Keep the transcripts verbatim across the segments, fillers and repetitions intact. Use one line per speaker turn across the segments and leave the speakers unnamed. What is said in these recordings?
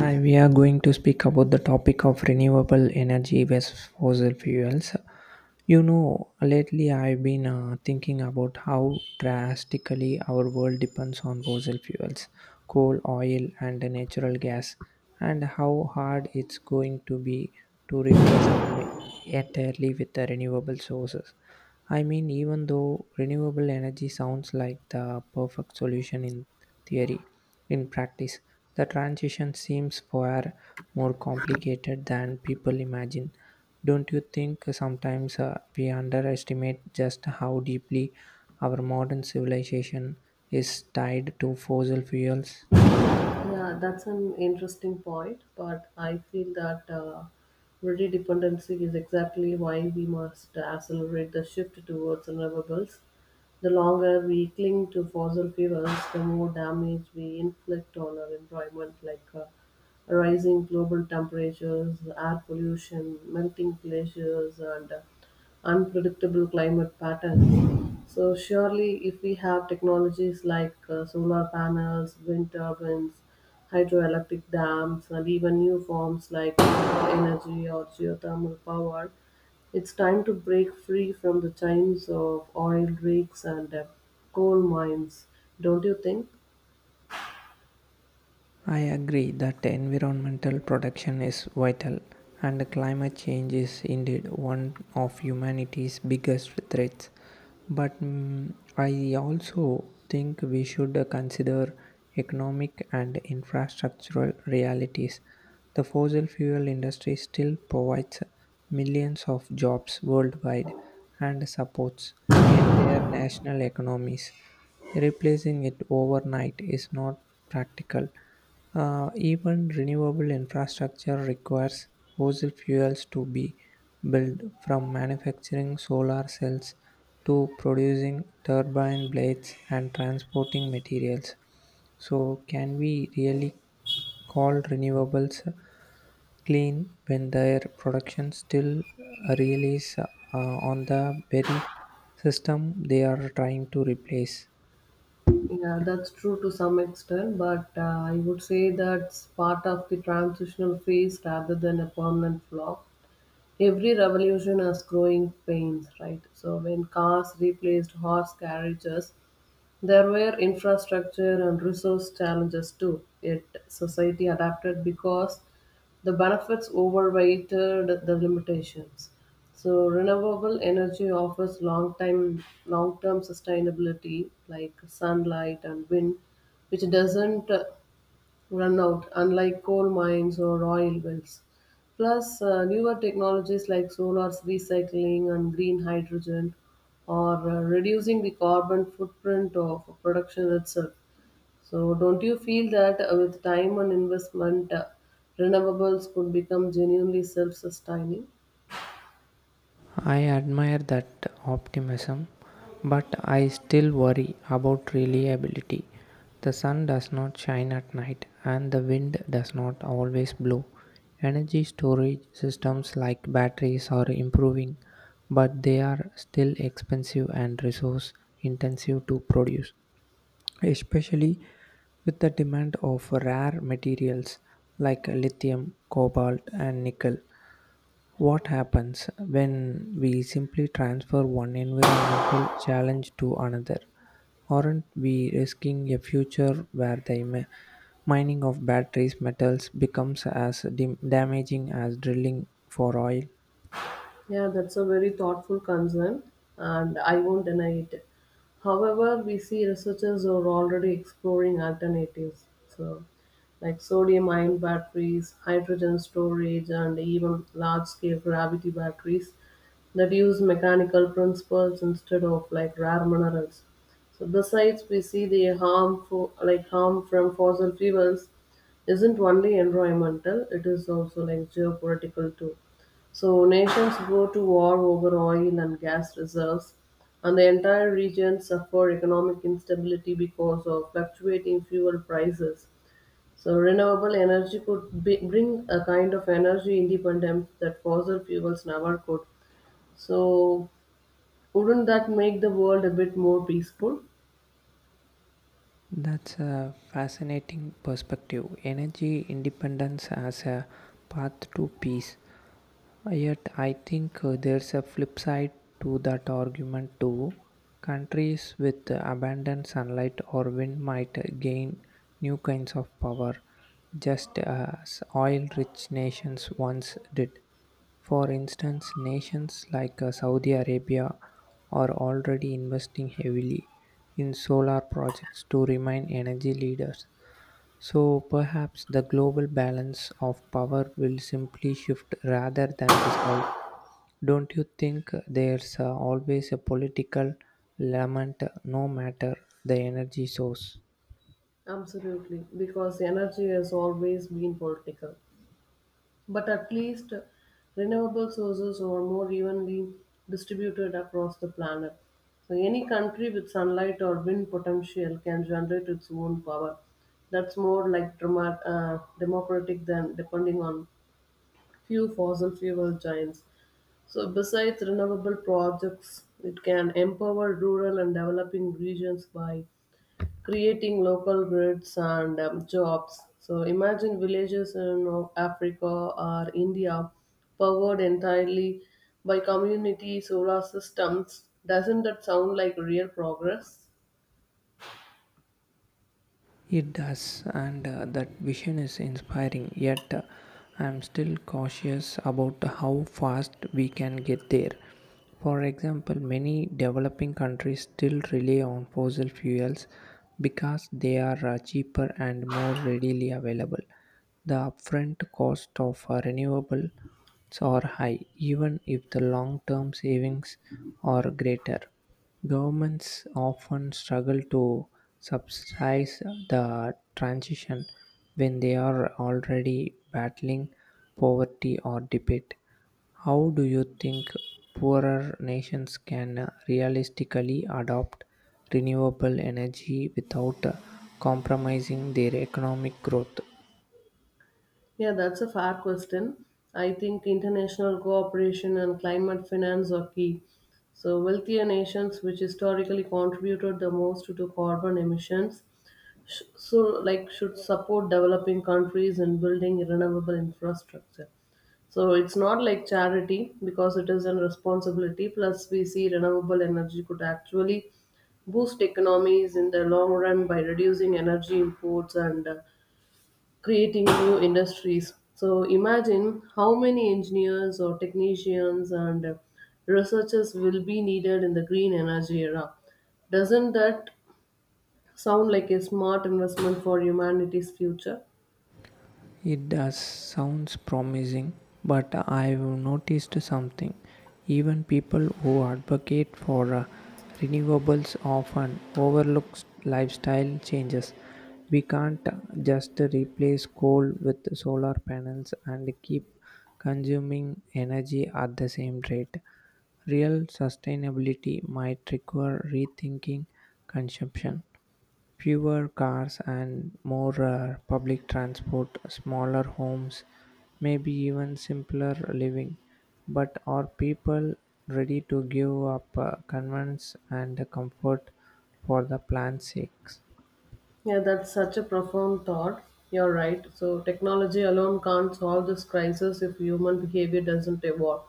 Hi, we are going to speak about the topic of renewable energy versus fossil fuels. You know, lately I've been uh, thinking about how drastically our world depends on fossil fuels, coal, oil, and natural gas, and how hard it's going to be to replace them entirely with the renewable sources. I mean, even though renewable energy sounds like the perfect solution in theory, in practice, the transition seems far more complicated than people imagine. Don't you think sometimes uh, we underestimate just how deeply our modern civilization is tied to fossil fuels?
Yeah, that's an interesting point, but I feel that uh, ready dependency is exactly why we must accelerate the shift towards renewables. The longer we cling to fossil fuels, the more damage we inflict on our environment, like uh, rising global temperatures, air pollution, melting glaciers, and uh, unpredictable climate patterns. So surely, if we have technologies like uh, solar panels, wind turbines, hydroelectric dams, and even new forms like wind energy or geothermal power, it's time to break free from the chains of oil rigs and uh, coal mines. Don't you think?
I agree that environmental protection is vital, and climate change is indeed one of humanity's biggest threats. But mm, I also think we should consider economic and infrastructural realities. The fossil fuel industry still provides millions of jobs worldwide and supports entire national economies. Replacing it overnight is not practical. Uh, even renewable infrastructure requires fossil fuels to be built, from manufacturing solar cells to producing turbine blades and transporting materials. So, can we really call renewables clean when their production still relies uh, on the very system they are trying to replace?
Yeah, that's true to some extent, but uh, I would say that's part of the transitional phase rather than a permanent flaw. Every revolution has growing pains, right? So when cars replaced horse carriages, there were infrastructure and resource challenges too. Yet society adapted because the benefits overweighted the limitations. So renewable energy offers long time long term sustainability like sunlight and wind, which doesn't run out, unlike coal mines or oil wells. Plus, uh, newer technologies like solar recycling and green hydrogen are uh, reducing the carbon footprint of production itself. So, don't you feel that uh, with time and investment, uh, renewables could become genuinely self sustaining?
I admire that optimism, but I still worry about reliability. The sun does not shine at night and the wind does not always blow. Energy storage systems like batteries are improving, but they are still expensive and resource intensive to produce, especially with the demand of rare materials like lithium, cobalt, and nickel. What happens when we simply transfer one environmental challenge to another? Aren't we risking a future where the mi- mining of batteries metals becomes as dim- damaging as drilling for oil?
Yeah, that's a very thoughtful concern, and I won't deny it. However, we see researchers are already exploring alternatives, so like sodium ion batteries, hydrogen storage, and even large-scale gravity batteries that use mechanical principles instead of like rare minerals. So besides, we see the harm for like harm from fossil fuels isn't only environmental; it is also like geopolitical too. So nations go to war over oil and gas reserves, and the entire region suffer economic instability because of fluctuating fuel prices. So renewable energy could be, bring a kind of energy independence that fossil fuels never could. So wouldn't that make the world a bit more peaceful?
That's a fascinating perspective. Energy independence as a path to peace. Uh, Yet, I think uh, there's a flip side to that argument too. Countries with uh, abundant sunlight or wind might uh, gain new kinds of power, just as oil rich nations once did. For instance, nations like uh, Saudi Arabia are already investing heavily in solar projects to remain energy leaders. So perhaps the global balance of power will simply shift rather than dissolve. Don't you think there's uh, always a political lament no matter the energy source?
Absolutely, because energy has always been political. But at least renewable sources are more evenly distributed across the planet. So any country with sunlight or wind potential can generate its own power. That's more like drama- uh, democratic than depending on few fossil fuel giants. So besides renewable projects, it can empower rural and developing regions by creating local grids and um, jobs. So imagine villages in uh, Africa or India powered entirely by community solar systems. Doesn't that sound like real progress?
It does, and uh, that vision is inspiring, yet, uh, I'm still cautious about how fast we can get there. For example, many developing countries still rely on fossil fuels because they are uh, cheaper and more readily available. The upfront cost of uh, renewables are high, even if the long term savings are greater. Governments often struggle to subsidize the transition when they are already battling poverty or debate. How do you think poorer nations can uh, realistically adopt renewable energy without uh, compromising their economic growth?
Yeah, that's a fair question. I think international cooperation and climate finance are key. So, wealthier nations, which historically contributed the most to carbon emissions, sh- so like should support developing countries in building renewable infrastructure. So it's not like charity because it is a responsibility. Plus, we see renewable energy could actually boost economies in the long run by reducing energy imports and uh, creating new industries. So imagine how many engineers or technicians and uh, researchers will be needed in the green energy era. Doesn't that sound like a smart investment for humanity's future?
It does sounds promising, but I've noticed something. Even people who advocate for uh, renewables often overlook lifestyle changes. We can't just replace coal with solar panels and keep consuming energy at the same rate. Real sustainability might require rethinking consumption. Fewer cars and more uh, public transport, smaller homes, maybe even simpler living. But are people ready to give up uh, convenience and comfort for the plan's sake?
Yeah, that's such a profound thought. You're right. So, technology alone can't solve this crisis if human behavior doesn't evolve.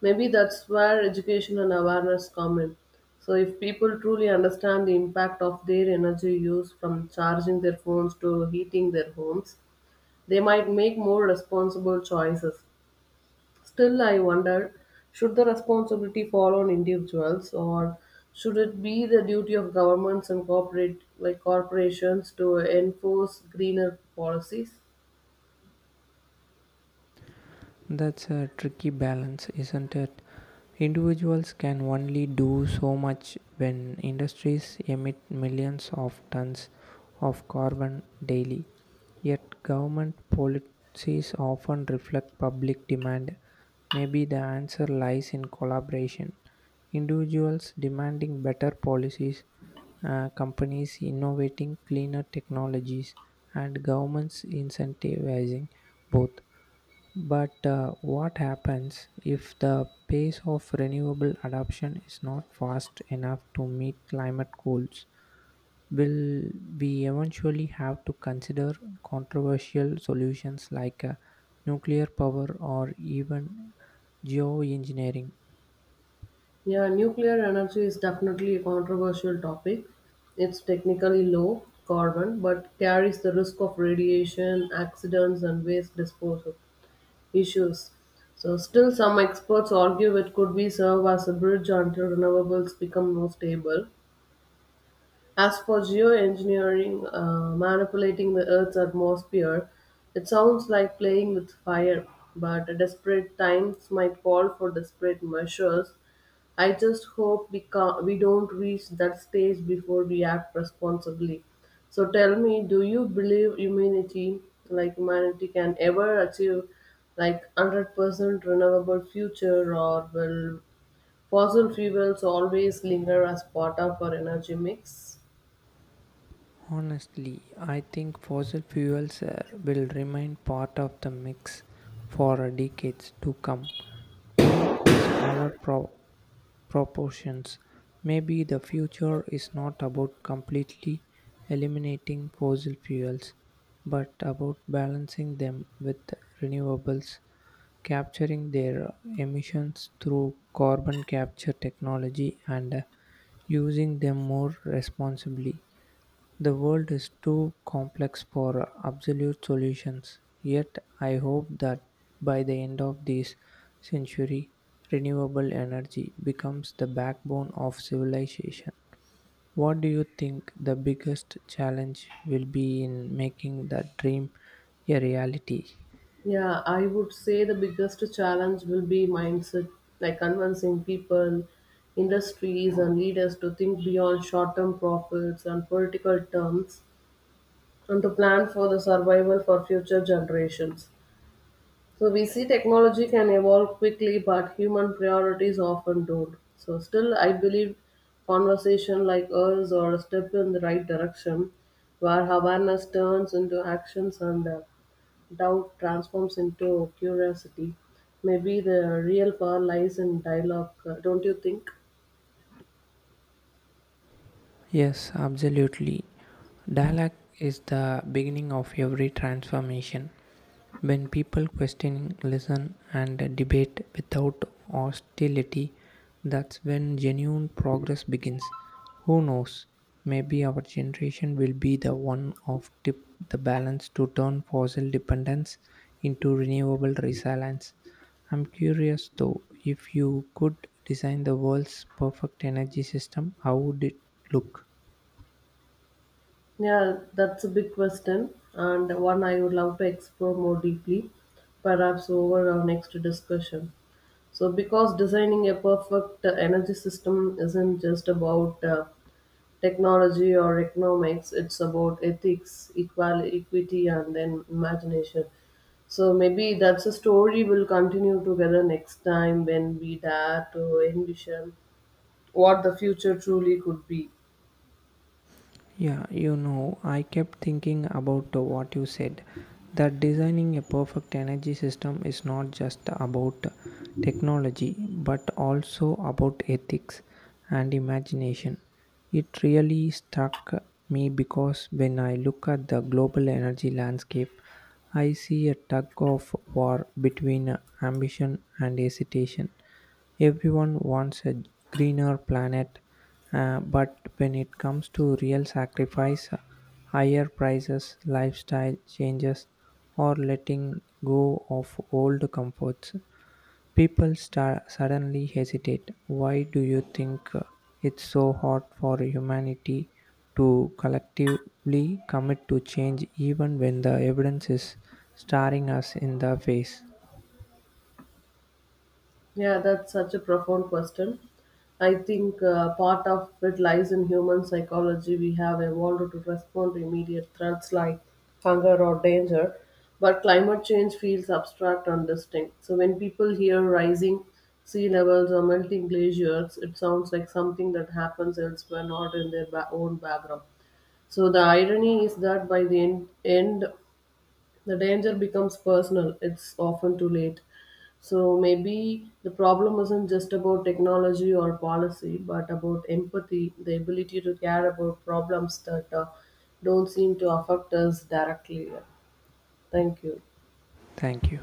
Maybe that's where education and awareness come in. So, if people truly understand the impact of their energy use from charging their phones to heating their homes, they might make more responsible choices. Still, I wonder, should the responsibility fall on individuals, or should it be the duty of governments and corporate like corporations to enforce greener policies?
That's a tricky balance, isn't it? Individuals can only do so much when industries emit millions of tons of carbon daily. Yet, government policies often reflect public demand. Maybe the answer lies in collaboration. Individuals demanding better policies, uh, companies innovating cleaner technologies, and governments incentivizing both. But uh, what happens if the pace of renewable adoption is not fast enough to meet climate goals? Will we eventually have to consider controversial solutions like uh, nuclear power or even geoengineering?
Yeah, nuclear energy is definitely a controversial topic. It's technically low carbon but carries the risk of radiation, accidents, and waste disposal issues. So, still, some experts argue it could be serve as a bridge until renewables become more stable. As for geoengineering, uh, manipulating the Earth's atmosphere, it sounds like playing with fire, but desperate times might call for desperate measures. I just hope we, ca- we don't reach that stage before we act responsibly. So tell me, do you believe humanity, like humanity can ever achieve like one hundred percent renewable future, or will fossil fuels always linger as part of our energy mix?
Honestly, I think fossil fuels uh, will remain part of the mix for decades to come, though in smaller pro- proportions. Maybe the future is not about completely eliminating fossil fuels, but about balancing them with renewables, capturing their emissions through carbon capture technology, and uh, using them more responsibly. The world is too complex for absolute solutions, yet, I hope that by the end of this century, renewable energy becomes the backbone of civilization. What do you think the biggest challenge will be in making that dream a reality?
Yeah, I would say the biggest challenge will be mindset, like convincing people, industries, and leaders to think beyond short term profits and political terms, and to plan for the survival for future generations. So, we see technology can evolve quickly, but human priorities often don't. So, still, I believe conversation like ours are a step in the right direction, where awareness turns into actions and uh, doubt transforms into curiosity. Maybe the real power lies in dialogue. Uh, don't you think?
Yes, absolutely. Dialogue is the beginning of every transformation. When people question, listen, and debate without hostility, that's when genuine progress begins. Who knows? Maybe our generation will be the one of tip the balance to turn fossil dependence into renewable resilience. I'm curious though, if you could design the world's perfect energy system, how would it look?
Yeah, that's a big question, and one I would love to explore more deeply, perhaps over our next discussion. So, because designing a perfect uh, energy system isn't just about uh, technology or economics. It's about ethics, equal equity, and then imagination. So maybe that's a story we'll continue together next time, when we dare to envision what the future truly could be.
Yeah, you know, I kept thinking about uh, what you said, that designing a perfect energy system is not just about technology but also about ethics and imagination. It really struck me because when I look at the global energy landscape, I see a tug of war between ambition and hesitation. Everyone wants a greener planet, uh, but when it comes to real sacrifice, higher prices, lifestyle changes, or letting go of old comforts, people start suddenly hesitate. Why do you think uh, it's so hard for humanity to collectively commit to change even when the evidence is staring us in the face?
Yeah, that's such a profound question. I think uh, part of it lies in human psychology. We have evolved to respond to immediate threats like hunger or danger, but climate change feels abstract and distinct. So when people hear rising sea levels or melting glaciers, it sounds like something that happens elsewhere, not in their ba- own background. So the irony is that by the end, end the danger becomes personal, it's often too late. So maybe the problem isn't just about technology or policy, but about empathy, the ability to care about problems that uh, don't seem to affect us directly. Thank you.
Thank you.